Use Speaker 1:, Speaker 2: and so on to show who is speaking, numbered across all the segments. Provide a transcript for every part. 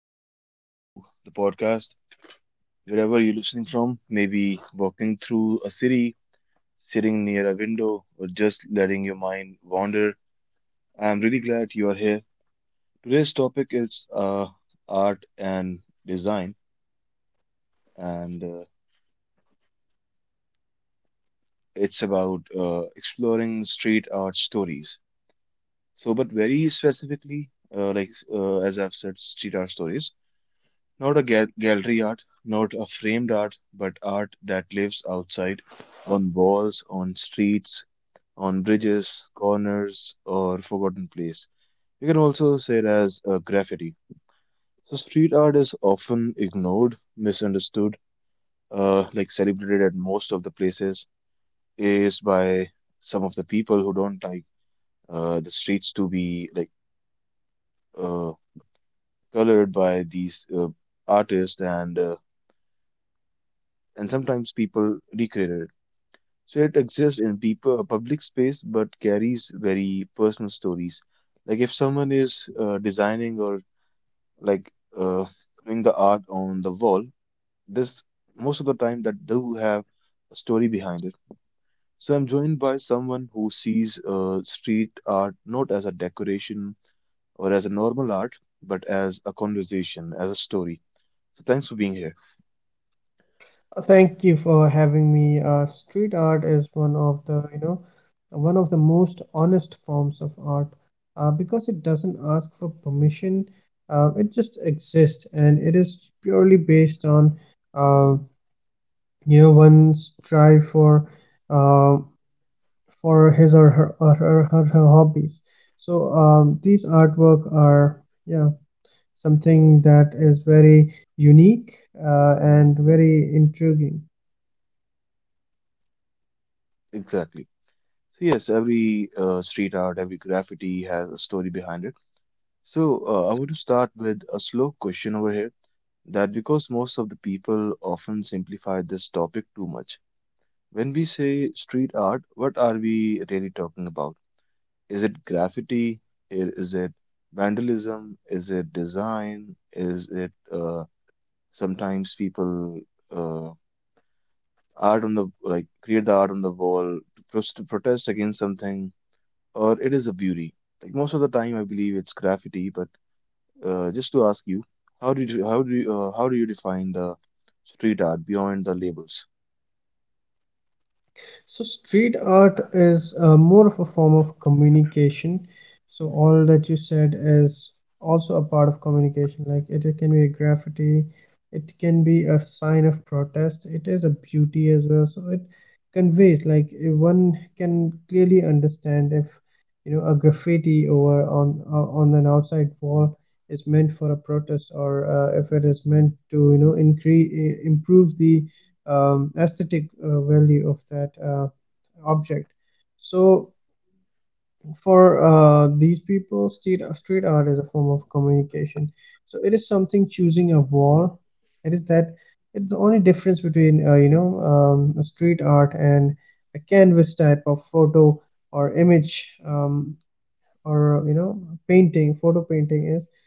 Speaker 1: back to the podcast. Wherever you're listening from, maybe walking through a city, sitting near a window, or just letting your mind wander, I'm really glad you are here. Today's topic is art and design, and it's about exploring street art stories. So, but very specifically, as I've said, street art stories. Not a gallery art, not a framed art, but art that lives outside, on walls, on streets, on bridges, corners, or forgotten place. You can also say it as graffiti. So street art is often ignored, misunderstood, like celebrated at most of the places, is by some of the people who don't like the streets to be like uh, colored by these artists and sometimes people recreate it. So it exists in people, public space, but carries very personal stories. Like if someone is designing or like uh, doing the art on the wall, this most of the time that do have a story behind it. So I'm joined by someone who sees street art not as a decoration or as a normal art, but as a conversation, as a story. So thanks for being here.
Speaker 2: Thank you for having me. Street art is one of the, one of the most honest forms of art because it doesn't ask for permission. It just exists and it is purely based on, uh, one's drive uh, for his or her hobbies. So these artwork are, yeah, something that is very unique and very intriguing.
Speaker 1: Exactly. So yes, every street art, every graffiti has a story behind it. So, I want to start with a slow question over here, that because most of the people often simplify this topic too much. When we say street art, what are we really talking about? Is it graffiti? Is it vandalism? Is it design? Is it sometimes people uh, art on the like create the art on the wall to to protest against something, or it is a beauty? Like most of the time, I believe it's graffiti, but just to ask you, how do you define the street art beyond the labels?
Speaker 2: So street art is more of a form of communication. So all that you said is also a part of communication. Like it can be a graffiti, it can be a sign of protest. It is a beauty as well. So it conveys like one can clearly understand if you know a graffiti over on an outside wall is meant for a protest or if it is meant to you know increase improve the aesthetic value of that object. So for these people, street art is a form of communication. So it is something choosing a wall. It is that It's the only difference between street art and a canvas type of photo or image. Or you know painting Photo painting is,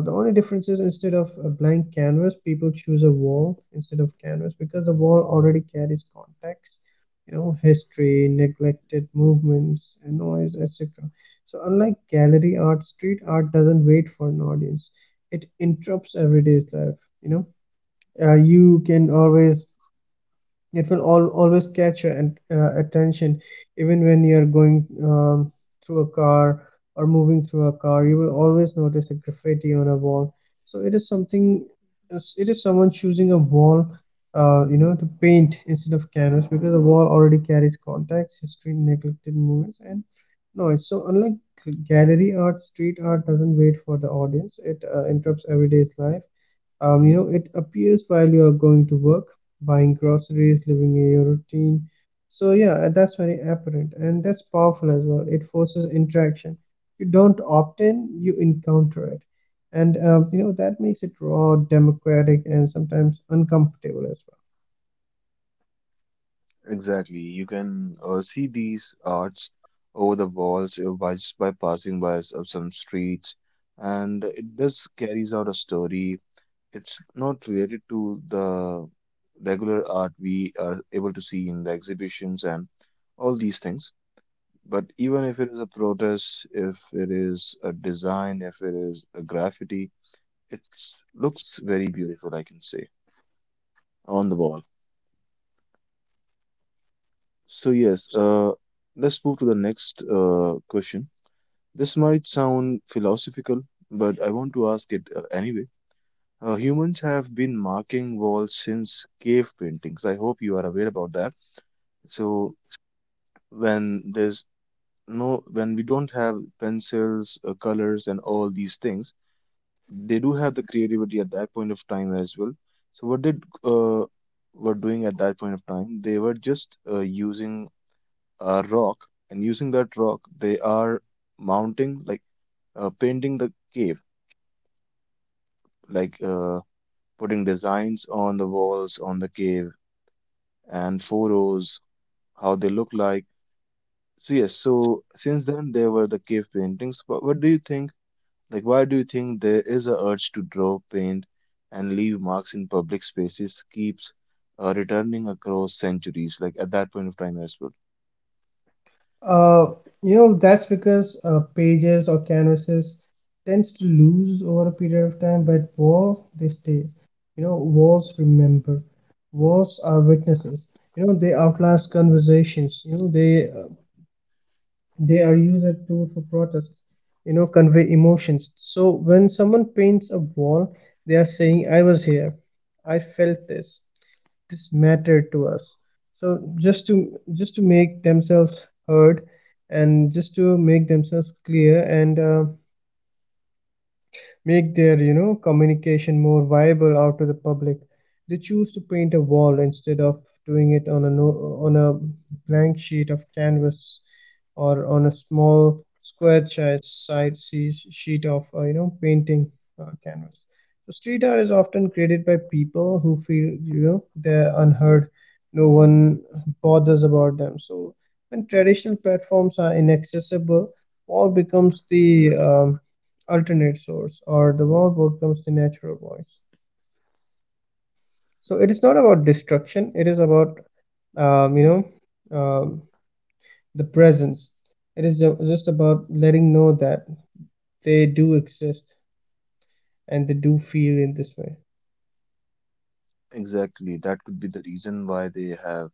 Speaker 2: the only difference is instead of a blank canvas people choose a wall instead of canvas, because the wall already carries context, you know, history, neglected movements, noise, etc. So unlike gallery art, street art doesn't wait for an audience, it interrupts everyday's life, you know. You can always It will al always catch your attention, even when you are going um, through a car or moving through a car. You will always notice a graffiti on a wall. So it is something. It is someone choosing a wall, to paint instead of canvas, because a wall already carries context, history, neglected moments, and noise. So unlike gallery art, street art doesn't wait for the audience. It interrupts everyday's life, you know, it appears while you are going to work, buying groceries, living in your routine. So yeah, that's very apparent and that's powerful as well. It forces interaction. You don't opt in, you encounter it. And you know, that makes it raw, democratic, and sometimes uncomfortable as well.
Speaker 1: Exactly, you can see these arts over the walls by passing by of some streets, and it does carries out a story. It's not related to the regular art we are able to see in the exhibitions and all these things. But even if it is a protest, if it is a design, if it is a graffiti, it looks very beautiful, I can say, on the wall. So yes, let's move to the next question. This might sound philosophical, but I want to ask it anyway. Humans have been marking walls since cave paintings. I hope you are aware about that. So when there's no, when we don't have pencils, colors, and all these things, they do have the creativity at that point of time as well. So what did were doing at that point of time? They were just using a rock, and using that rock, they are mounting like painting the cave, like uh, putting designs on the walls on the cave and photos, how they look like. So yes, so since then there were the cave paintings. What do you think? Like, why do you think there is a urge to draw, paint, and leave marks in public spaces keeps returning across centuries? Like at that point of time as well.
Speaker 2: Uh, that's because pages or canvases tends to lose over a period of time, but walls they stays. You know, walls remember. Walls are witnesses. You know, they outlast conversations. You know, they are used as tool for protest. You know, convey emotions. So when someone paints a wall, they are saying, "I was here. I felt this mattered to us, so just to make themselves heard and just to make themselves clear, and make their, you know, communication more viable out to the public, they choose to paint a wall instead of doing it on a no, on a blank sheet of canvas or on a small square size sheet of painting canvas. So street art is often created by people who feel, you know, they're unheard, no one bothers about them. So when traditional platforms are inaccessible, wall becomes the, um, alternate source, or the more becomes the natural voice. So it is not about destruction, it is about, um, you know um, the presence. It is just about letting know that they do exist and they do feel in this way.
Speaker 1: Exactly, that could be the reason why they have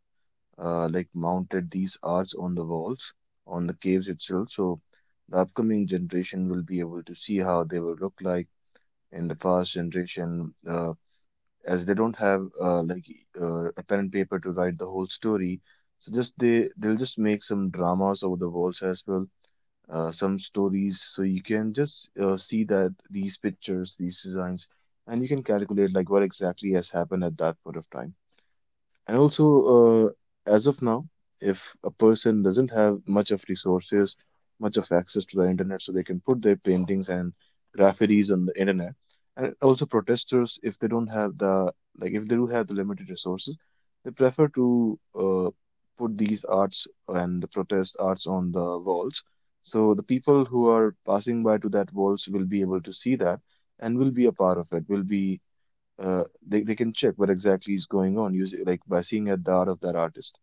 Speaker 1: mounted these arts on the walls, on the caves itself. So the upcoming generation will be able to see how they will look like in the past generation. As they don't have a pen and paper to write the whole story, so just they they'll just make some dramas over the walls as well, some stories, so you can just see that these pictures, these designs, and you can calculate like what exactly has happened at that point of time. And also, as of now, if a person doesn't have much of resources, much of access to the internet, so they can put their paintings and graffitis on the internet, and also protesters, if they don't have the like, if they do have the limited resources, they prefer to put these arts and the protest arts on the walls. So the people who are passing by to that walls will be able to see that and will be a part of it, will be they can check what exactly is going on using like by seeing at the art of that artist.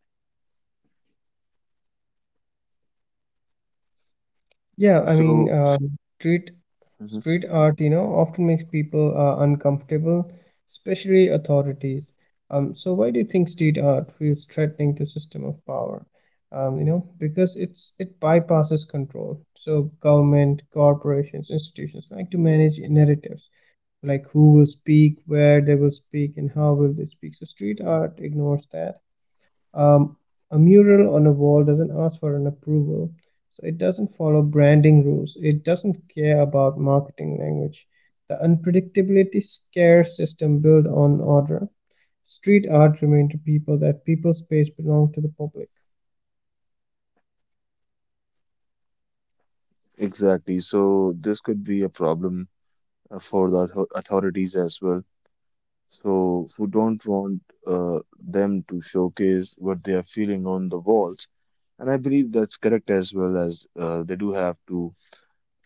Speaker 2: Yeah, I
Speaker 1: So
Speaker 2: mean, street
Speaker 1: Mhm.
Speaker 2: street art, you know, often makes people uncomfortable, especially authorities. So why do you think street art feels threatening to system of power? You know, because it bypasses control. So government, corporations, institutions like to manage narratives, like who will speak, where they will speak, and how will they speak. So street art ignores that. um, a mural on a wall doesn't ask for an approval, so it doesn't follow branding rules. It doesn't care about marketing language. The unpredictability scares system built on order. Street art remained to people that people space belonged to the public
Speaker 1: Exactly, so this could be a problem for the authorities as well. So who don't want them to showcase what they are feeling on the walls, and I believe that's correct as well, as they do have to,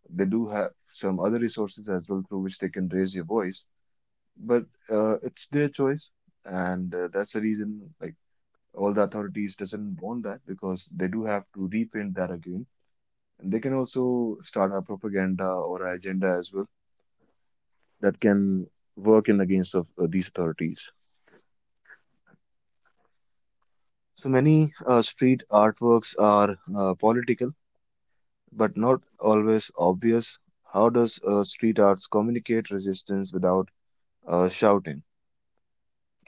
Speaker 1: they do have some other resources as well through which they can raise your voice, but it's their choice, and that's the reason like, all the authorities doesn't want that because they do have to repaint that again, and they can also start a propaganda or a agenda as well that can work in against of these authorities. So many street artworks are political but not always obvious. How does street arts communicate resistance without shouting,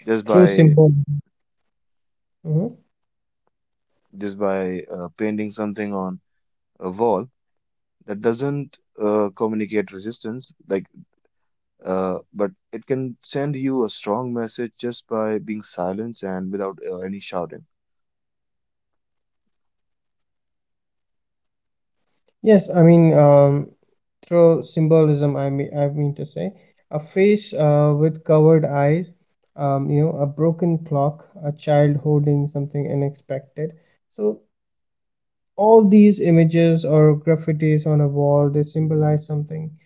Speaker 1: just
Speaker 2: through
Speaker 1: by
Speaker 2: symbol. Mhm.
Speaker 1: painting something on a wall that doesn't communicate resistance like. But it can send you a strong message just by being silent and without any shouting.
Speaker 2: Yes, I mean, through symbolism. I mean to say a face with covered eyes. You know, a broken clock, a child holding something unexpected. So all these images or graffitis on a wall they symbolize something.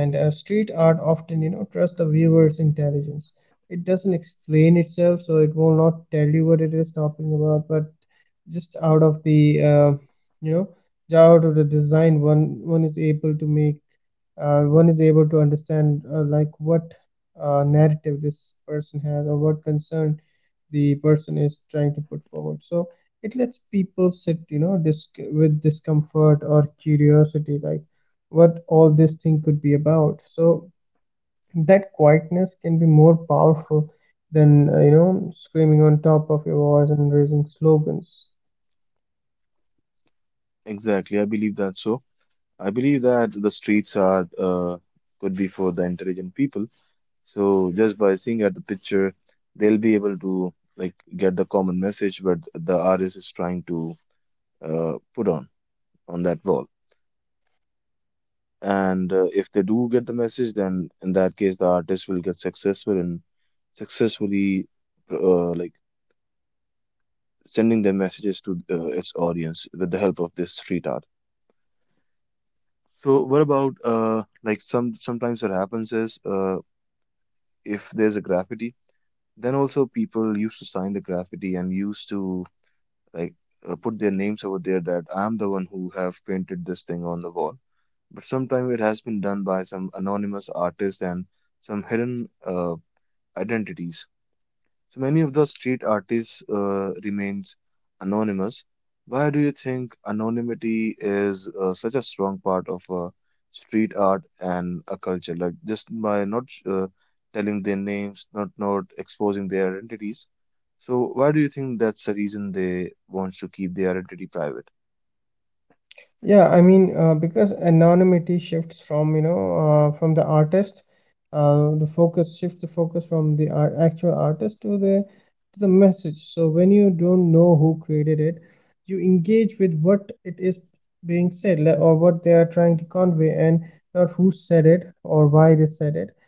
Speaker 2: And street art often, you know, trusts the viewer's intelligence, it doesn't explain itself, so it will not tell you what it is talking about, but just out of the, you know out of the design, one is able to make one is able to understand, like what narrative this person has or what concern the person is trying to put forward. So it lets people sit, you know, with discomfort or curiosity, like what all this thing could be about. So that quietness can be more powerful than, screaming on top of your voice and raising slogans.
Speaker 1: Exactly, I believe that so. I believe that the streets are could be for the intelligent people. So just by seeing at the picture, they'll be able to like get the common message but the artist is trying to put on that wall. And if they do get the message, then in that case, the artist will get successful in successfully uh, like sending their messages to its audience with the help of this street art. So what about sometimes what happens is, if there's a graffiti, then also people used to sign the graffiti and used to like put their names over there that I'm the one who have painted this thing on the wall. But sometimes it has been done by some anonymous artist and some hidden identities. So many of the street artists remains anonymous. Why do you think anonymity is such a strong part of street art and a culture? Like just by not telling their names, not exposing their identities. So why do you think that's the reason they want to keep their identity private?
Speaker 2: Yeah, I mean, because anonymity shifts from, from the artist, the focus from actual artist to the message. So when you don't know who created it, you engage with what it is being or what they are trying to convey, and not who said it or why they said it.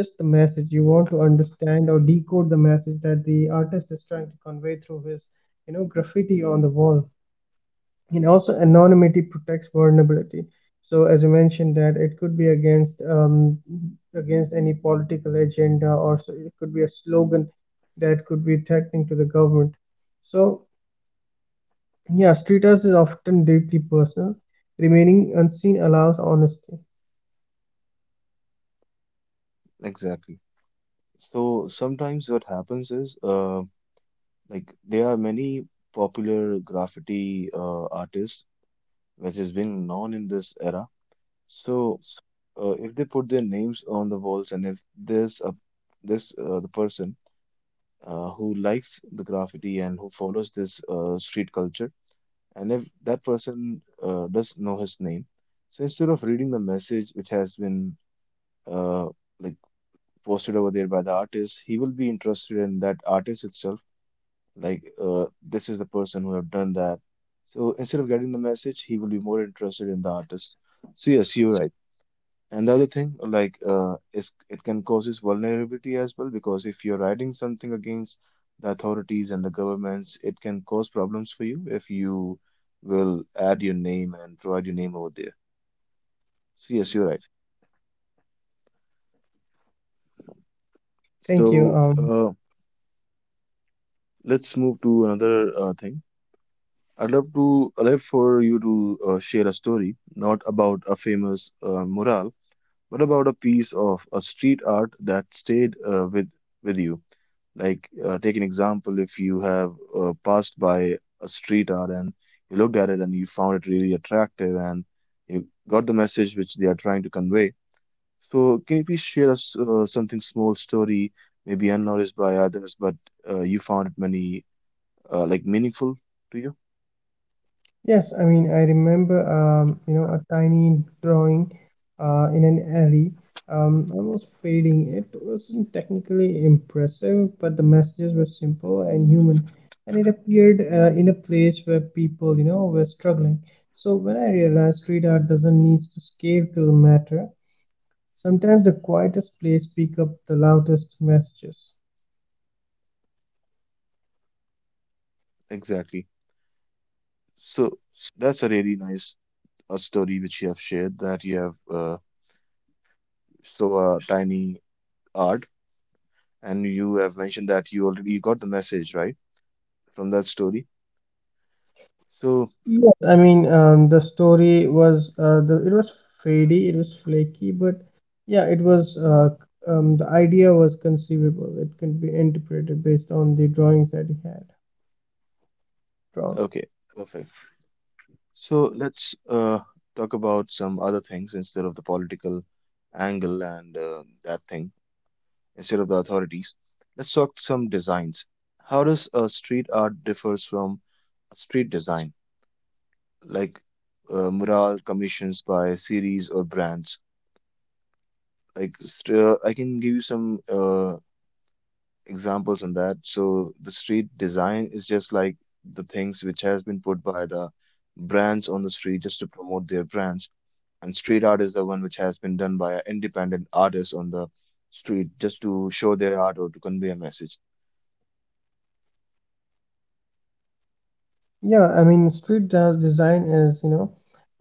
Speaker 2: Just the message. You want to understand or decode the message that the artist is trying to convey through his, you know, graffiti on the wall. And also anonymity protects vulnerability. So as you mentioned, that it could be against, against any political agenda, or s it could be a slogan that could be threatening to the government. So yeah, street art is often deeply personal, remaining unseen allows honesty.
Speaker 1: Exactly. So sometimes what happens is, like there are many popular graffiti artists, which is being known in this era. So if they put their names on the walls, and if there's a this the person who likes the graffiti and who follows this street culture, and if that person does know his name, so instead of reading the message which has been uh, like posted over there by the artist, he will be interested in that artist itself. Like this is the person who have done that. So instead of getting the message, he will be more interested in the artist. So yes, you're right. And the other thing, like, is it can causes vulnerability as well, because if you're writing something against the authorities and the governments, it can cause problems for you if you will add your name and provide your name over there. So yes, you're right.
Speaker 2: Thank you.
Speaker 1: So let's move to another thing. I'd love for you to share a story, not about a famous mural, but about a piece of a street art that stayed with you. Like, take an example if you have passed by a street art and you looked at it and you found it really attractive, and you got the message which they are trying to convey. So, can you please share us something small story, maybe unnoticed by others, but you found it many meaningful to you?
Speaker 2: Yes, I mean, I remember, a tiny drawing in an alley, almost fading. It wasn't technically impressive, but the messages were simple and human, and it appeared in a place where people, you know, were struggling. So when I realized street art doesn't need to scale to matter, sometimes the quietest place pick up the loudest messages.
Speaker 1: Exactly. So, that's a really nice a story which you have shared that you have so tiny art, and you have mentioned that you already got the message right from that story. So,
Speaker 2: Yes, I mean, the story was, the it was fadey, it was flaky, but yeah, it was, the idea was conceivable. It can be interpreted based on the drawings that he had drawn.
Speaker 1: okay, perfect. So let's talk about some other things instead of the political angle and that thing, instead of the authorities. Let's talk some designs. How does street art differs from a street design, like mural commissions by series or brands? Like, I can give you some examples on that. So the street design is just like the things which has been put by the brands on the street just to promote their brands. And street art is the one which has been done by an independent artist on the street just to show their art or to convey a message.
Speaker 2: Yeah, I mean, design is, you know,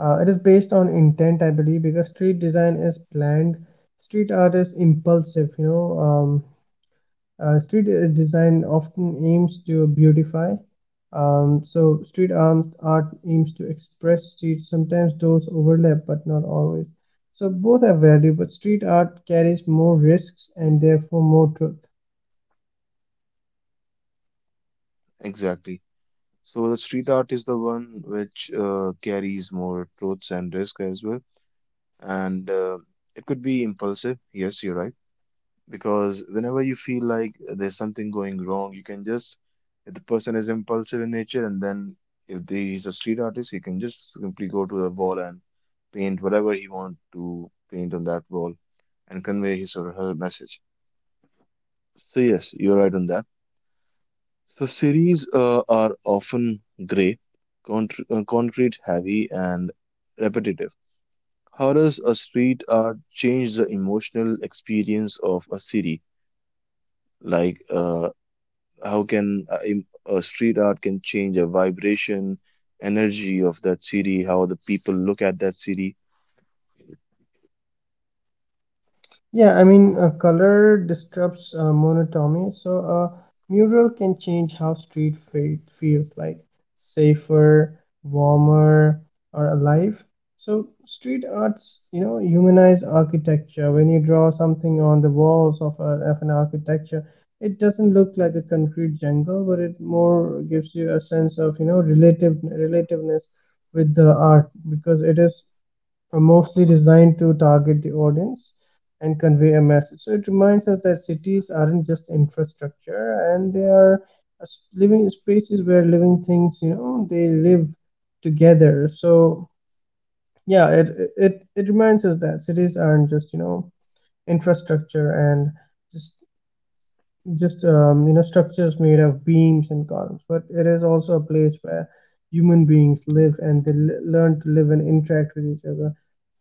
Speaker 2: it is based on intent, I believe, because street design is planned. Street art is impulsive, you know. Street design often aims to beautify. So street arms art aims to express streets. Sometimes those overlap, but not always. So both have value, but street art carries more risks and therefore more truth.
Speaker 1: Exactly. So the street art is the one which carries more truths and risk as well. And It could be impulsive. Yes, you're right. Because whenever you feel like there's something going wrong, you can just, if the person is impulsive in nature, and then if they, he's a street artist, he can just simply go to the wall and paint whatever he want to paint on that wall and convey his or her message. So yes, you're right on that. So series are often gray, contr concrete heavy, and repetitive. How does a street art change the emotional experience of a city? Like uh, how can a street art can change a vibration energy of that city, how the people look at that city?
Speaker 2: Yeah, I mean, color disrupts monotony, so a mural can change how street feels, like safer, warmer, or alive. So, street arts, you know, humanize architecture. When you draw something on the walls of, of an architecture, it doesn't look like a concrete jungle, but it more gives you a sense of, you know, relativeness with the art, because it is are mostly designed to target the audience and convey a message. So it reminds us that cities aren't just infrastructure, and they are living spaces where living things, you know, they live together. So yeah, it reminds us that cities aren't just, you know, infrastructure and just just, you know, structures made of beams and columns, but it is also a place where human beings live, and they learn to live and interact with each other.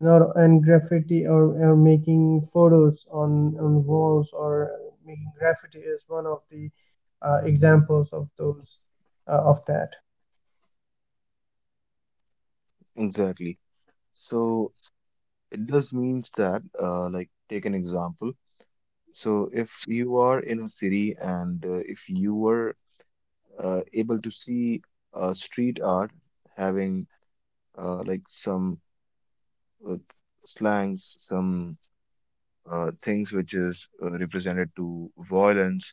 Speaker 2: Not and graffiti, or making photos on walls, or making graffiti is one of the examples of those, of that.
Speaker 1: Exactly. So it does means that like take an example, so if you are in a city and if you were able to see street art having like some uh, slangs, some things which is represented to violence,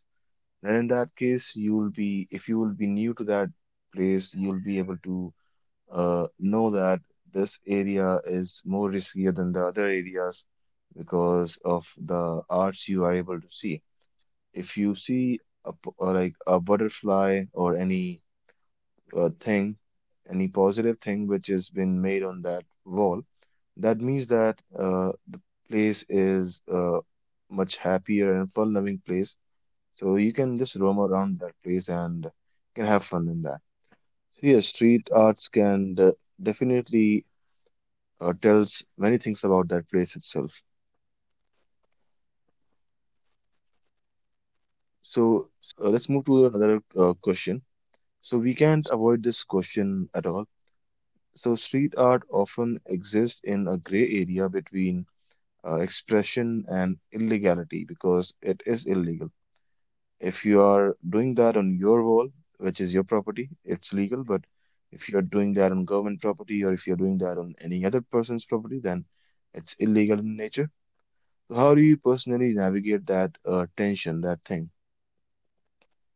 Speaker 1: then in that case you will be, if you will be new to that place, you'll be able to know that this area is more riskier than the other areas because of the arts you are able to see. If you see like a butterfly or any thing, any positive thing which has been made on that wall, that means that the place is much happier and fun loving place, so you can just roam around that place and can have fun in that. So yes, street arts can definitely tells many things about that place itself. So let's move to another question. So we can't avoid this question at all. So street art often exists in a gray area between expression and illegality, because it is illegal. If you are doing that on your wall, which is your property, it's legal. But if you're doing that on government property, or if you're doing that on any other person's property, then it's illegal in nature. So how do you personally navigate that tension, that thing?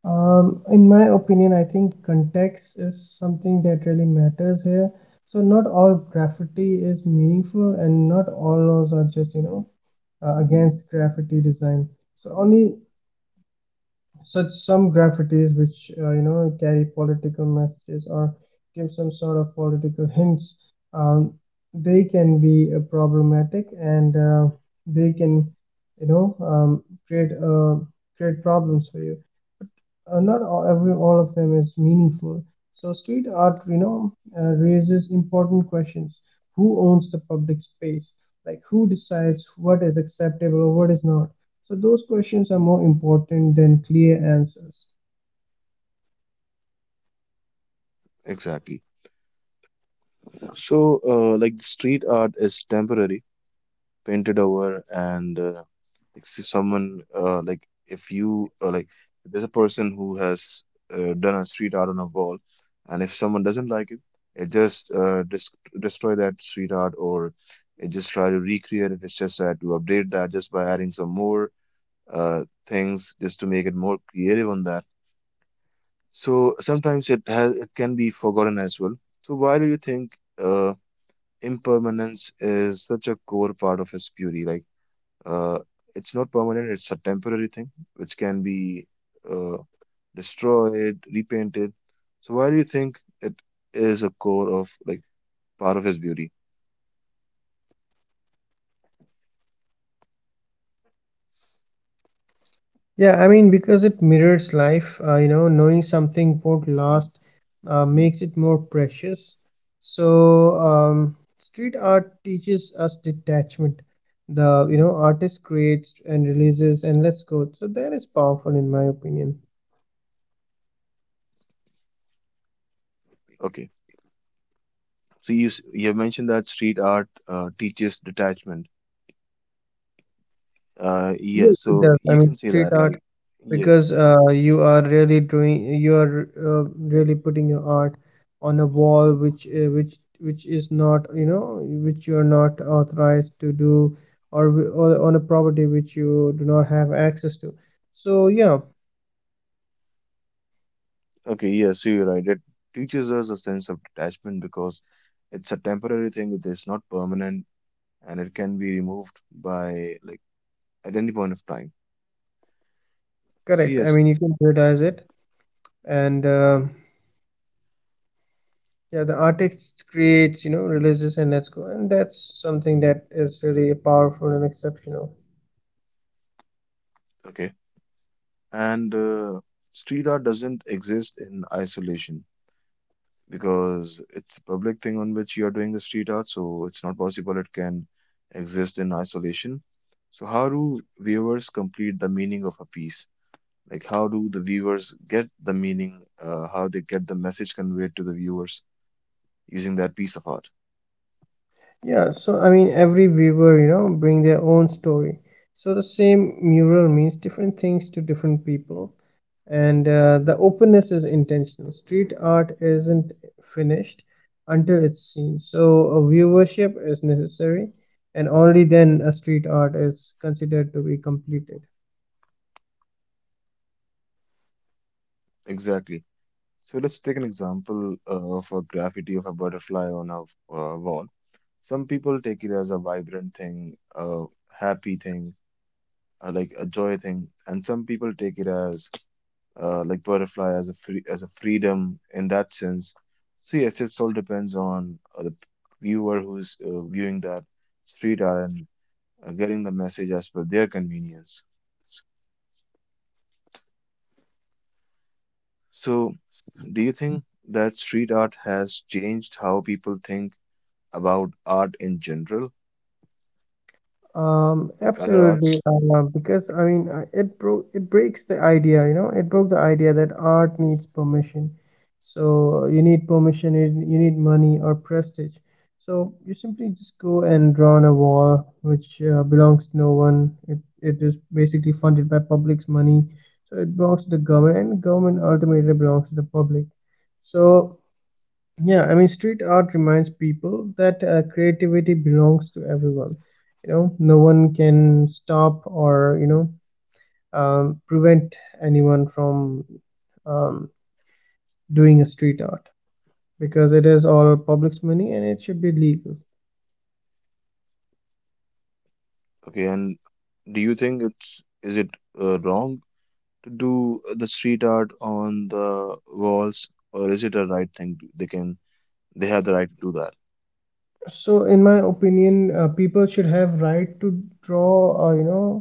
Speaker 2: In my opinion, I think context is something that really matters here. So not all graffiti is meaningful, and not all laws are just, you know, against graffiti design. So only such some graffitis which, you know, carry political messages or give some sort of political hints, um, they can be problematic, and they can you know create create problems for you. Not all, every all of them is meaningful. So street art, you know, raises important questions. Who owns the public space? Like who decides what is acceptable or what is not? So those questions are more important than clear answers.
Speaker 1: Exactly. So, like the street art is temporary, painted over, and like see someone like if you like if there's a person who has done a street art on a wall, and if someone doesn't like it just destroy that street art, or it just try to recreate it. It's just try to update that just by adding some more things just to make it more creative on that. So sometimes it has it can be forgotten as well. So why do you think uh, impermanence is such a core part of his beauty? Uh, it's not permanent, it's a temporary thing which can be uh, destroyed, repainted. So why do you think it is a core of, like, part of his beauty?
Speaker 2: Yeah, I mean, because it mirrors life, you know, knowing something won't last makes it more precious. So, street art teaches us detachment. The, you know, artist creates and releases and lets go. So that is powerful in my opinion.
Speaker 1: Okay. So you you have mentioned that street art teaches detachment.
Speaker 2: Yes,
Speaker 1: Yes,
Speaker 2: it
Speaker 1: so
Speaker 2: does. I
Speaker 1: you
Speaker 2: mean,
Speaker 1: can say
Speaker 2: street
Speaker 1: that
Speaker 2: art,
Speaker 1: like yes.
Speaker 2: because you are really doing, you are really putting your art on a wall, which is not, you know, which you are not authorized to do, or, or on a property which you do not have access to. So yeah,
Speaker 1: Okay, yes, so you're right. It teaches us a sense of detachment because it's a temporary thing that is not permanent, and it can be removed by, like, at any point of time. So
Speaker 2: correct. I
Speaker 1: yes,
Speaker 2: mean, you can prioritize it, and yeah, the artist creates, you know, religious and let's go, and that's something that is really powerful and exceptional.
Speaker 1: okay. And Street art doesn't exist in isolation, because it's a public thing on which you are doing the street art, so it's not possible it can exist in isolation. So, how do viewers complete the meaning of a piece? Like, how do the viewers get the meaning, how they get the message conveyed to the viewers using that piece of art?
Speaker 2: Yeah, so I mean, every viewer, you know, bring their own story. So the same mural means different things to different people, and the openness is intentional. Street art isn't finished until it's seen, so a viewership is necessary, and only then a street art is considered to be completed.
Speaker 1: Exactly. So let's take an example of a graffiti of a butterfly on a wall. Some people take it as a vibrant thing, a happy thing, like a joy thing, and some people take it as like butterfly as a free, as a freedom in that sense. So yes, it all depends on the viewer who's viewing that street art and getting the message as per their convenience. So, do you think that street art has changed how people think about art in general, like other
Speaker 2: Absolutely.
Speaker 1: arts?
Speaker 2: Because I mean, it breaks the idea, you know, it broke the idea that art needs permission. So you need permission, you need money or prestige. So you simply just go and draw on a wall which belongs to no one. It is basically funded by public's money, so it belongs to the government, and the government ultimately belongs to the public. So yeah, I mean, street art reminds people that creativity belongs to everyone. You know, no one can stop or, you know, prevent anyone from um, doing a street art because it is all public's money and it should be legal.
Speaker 1: Okay, and do you think it's, is it wrong to do the street art on the walls, or is it a right thing? They can, they have the right to do that.
Speaker 2: So in my opinion, people should have right to draw, uh, you know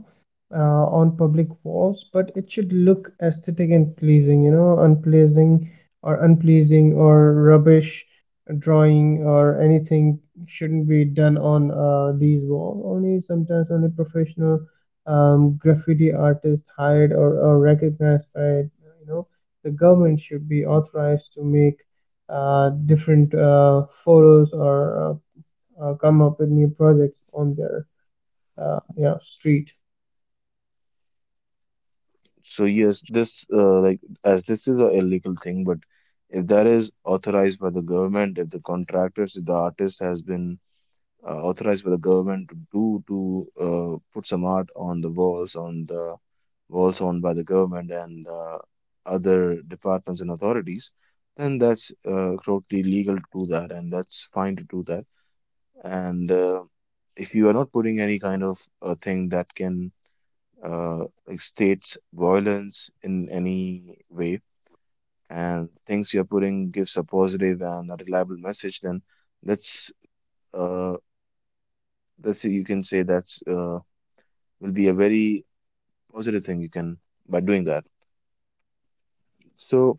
Speaker 2: uh, on public walls, but it should look aesthetic and pleasing, you know, unpleasing or rubbish drawing or anything shouldn't be done on these walls. Only sometimes only professional, graffiti artists hired or, recognized by, the government, should be authorized to make different photos or uh, come up with new projects on their, yeah, street.
Speaker 1: So yes, this like, as this is a illegal thing, but if that is authorized by the government, if the contractors, if the artist has been authorized by the government to put some art on the walls, on the walls owned by the government and other departments and authorities, then that's totally legal to do that, and that's fine to do that. And If you are not putting any kind of thing that can like states violence in any way, and things you're putting gives a positive and a reliable message, then that's uh, that's, you can say that's will be a very positive thing you can by doing that. So,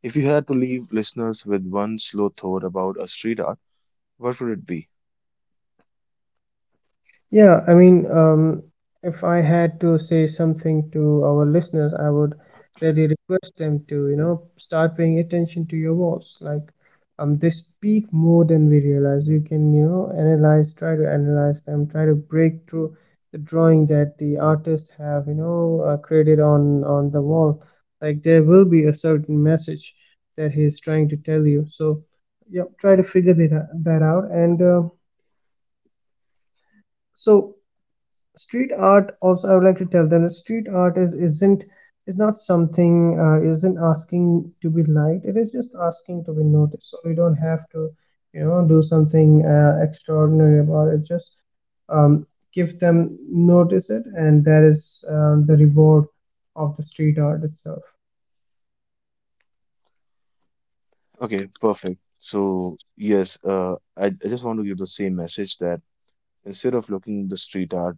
Speaker 1: if you had to leave listeners with one slow thought about a street art, what would it be?
Speaker 2: Yeah, I mean, if I had to say something to our listeners, I would really request them to, you know, start paying attention to your words. Like, they speak more than we realize. You can, you know, try to analyze them, try to break through the drawing that the artists have, you know, created on the wall. Like, there will be a certain message that he is trying to tell you. So, yeah, try to figure that out. And so street art also, I would like to tell them that street art is not something, isn't asking to be liked, it is just asking to be noticed. So you don't have to, you know, do something extraordinary about it, just um, give them notice it, and that is, the reward of the street art itself.
Speaker 1: Okay, perfect. So, yes, I just want to give the same message, that instead of looking the street art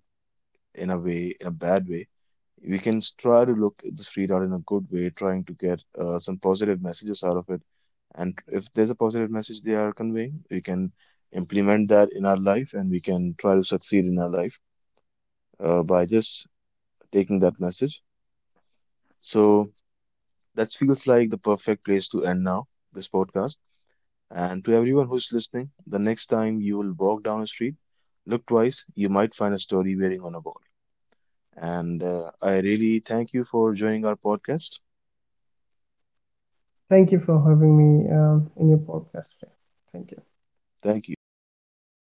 Speaker 1: in a way, in a bad way, we can try to look at the street art in a good way, trying to get some positive messages out of it. And if there's a positive message they are conveying, we can implement that in our life, and we can try to succeed in our life. By just taking that message. So that feels like the perfect place to end now this podcast. And to everyone who's listening, the next time you will walk down a street, look twice. You might find a story waiting on a wall. And I really thank you for joining our podcast.
Speaker 2: Thank you for having me, in your podcast today. Thank you.
Speaker 1: Thank you.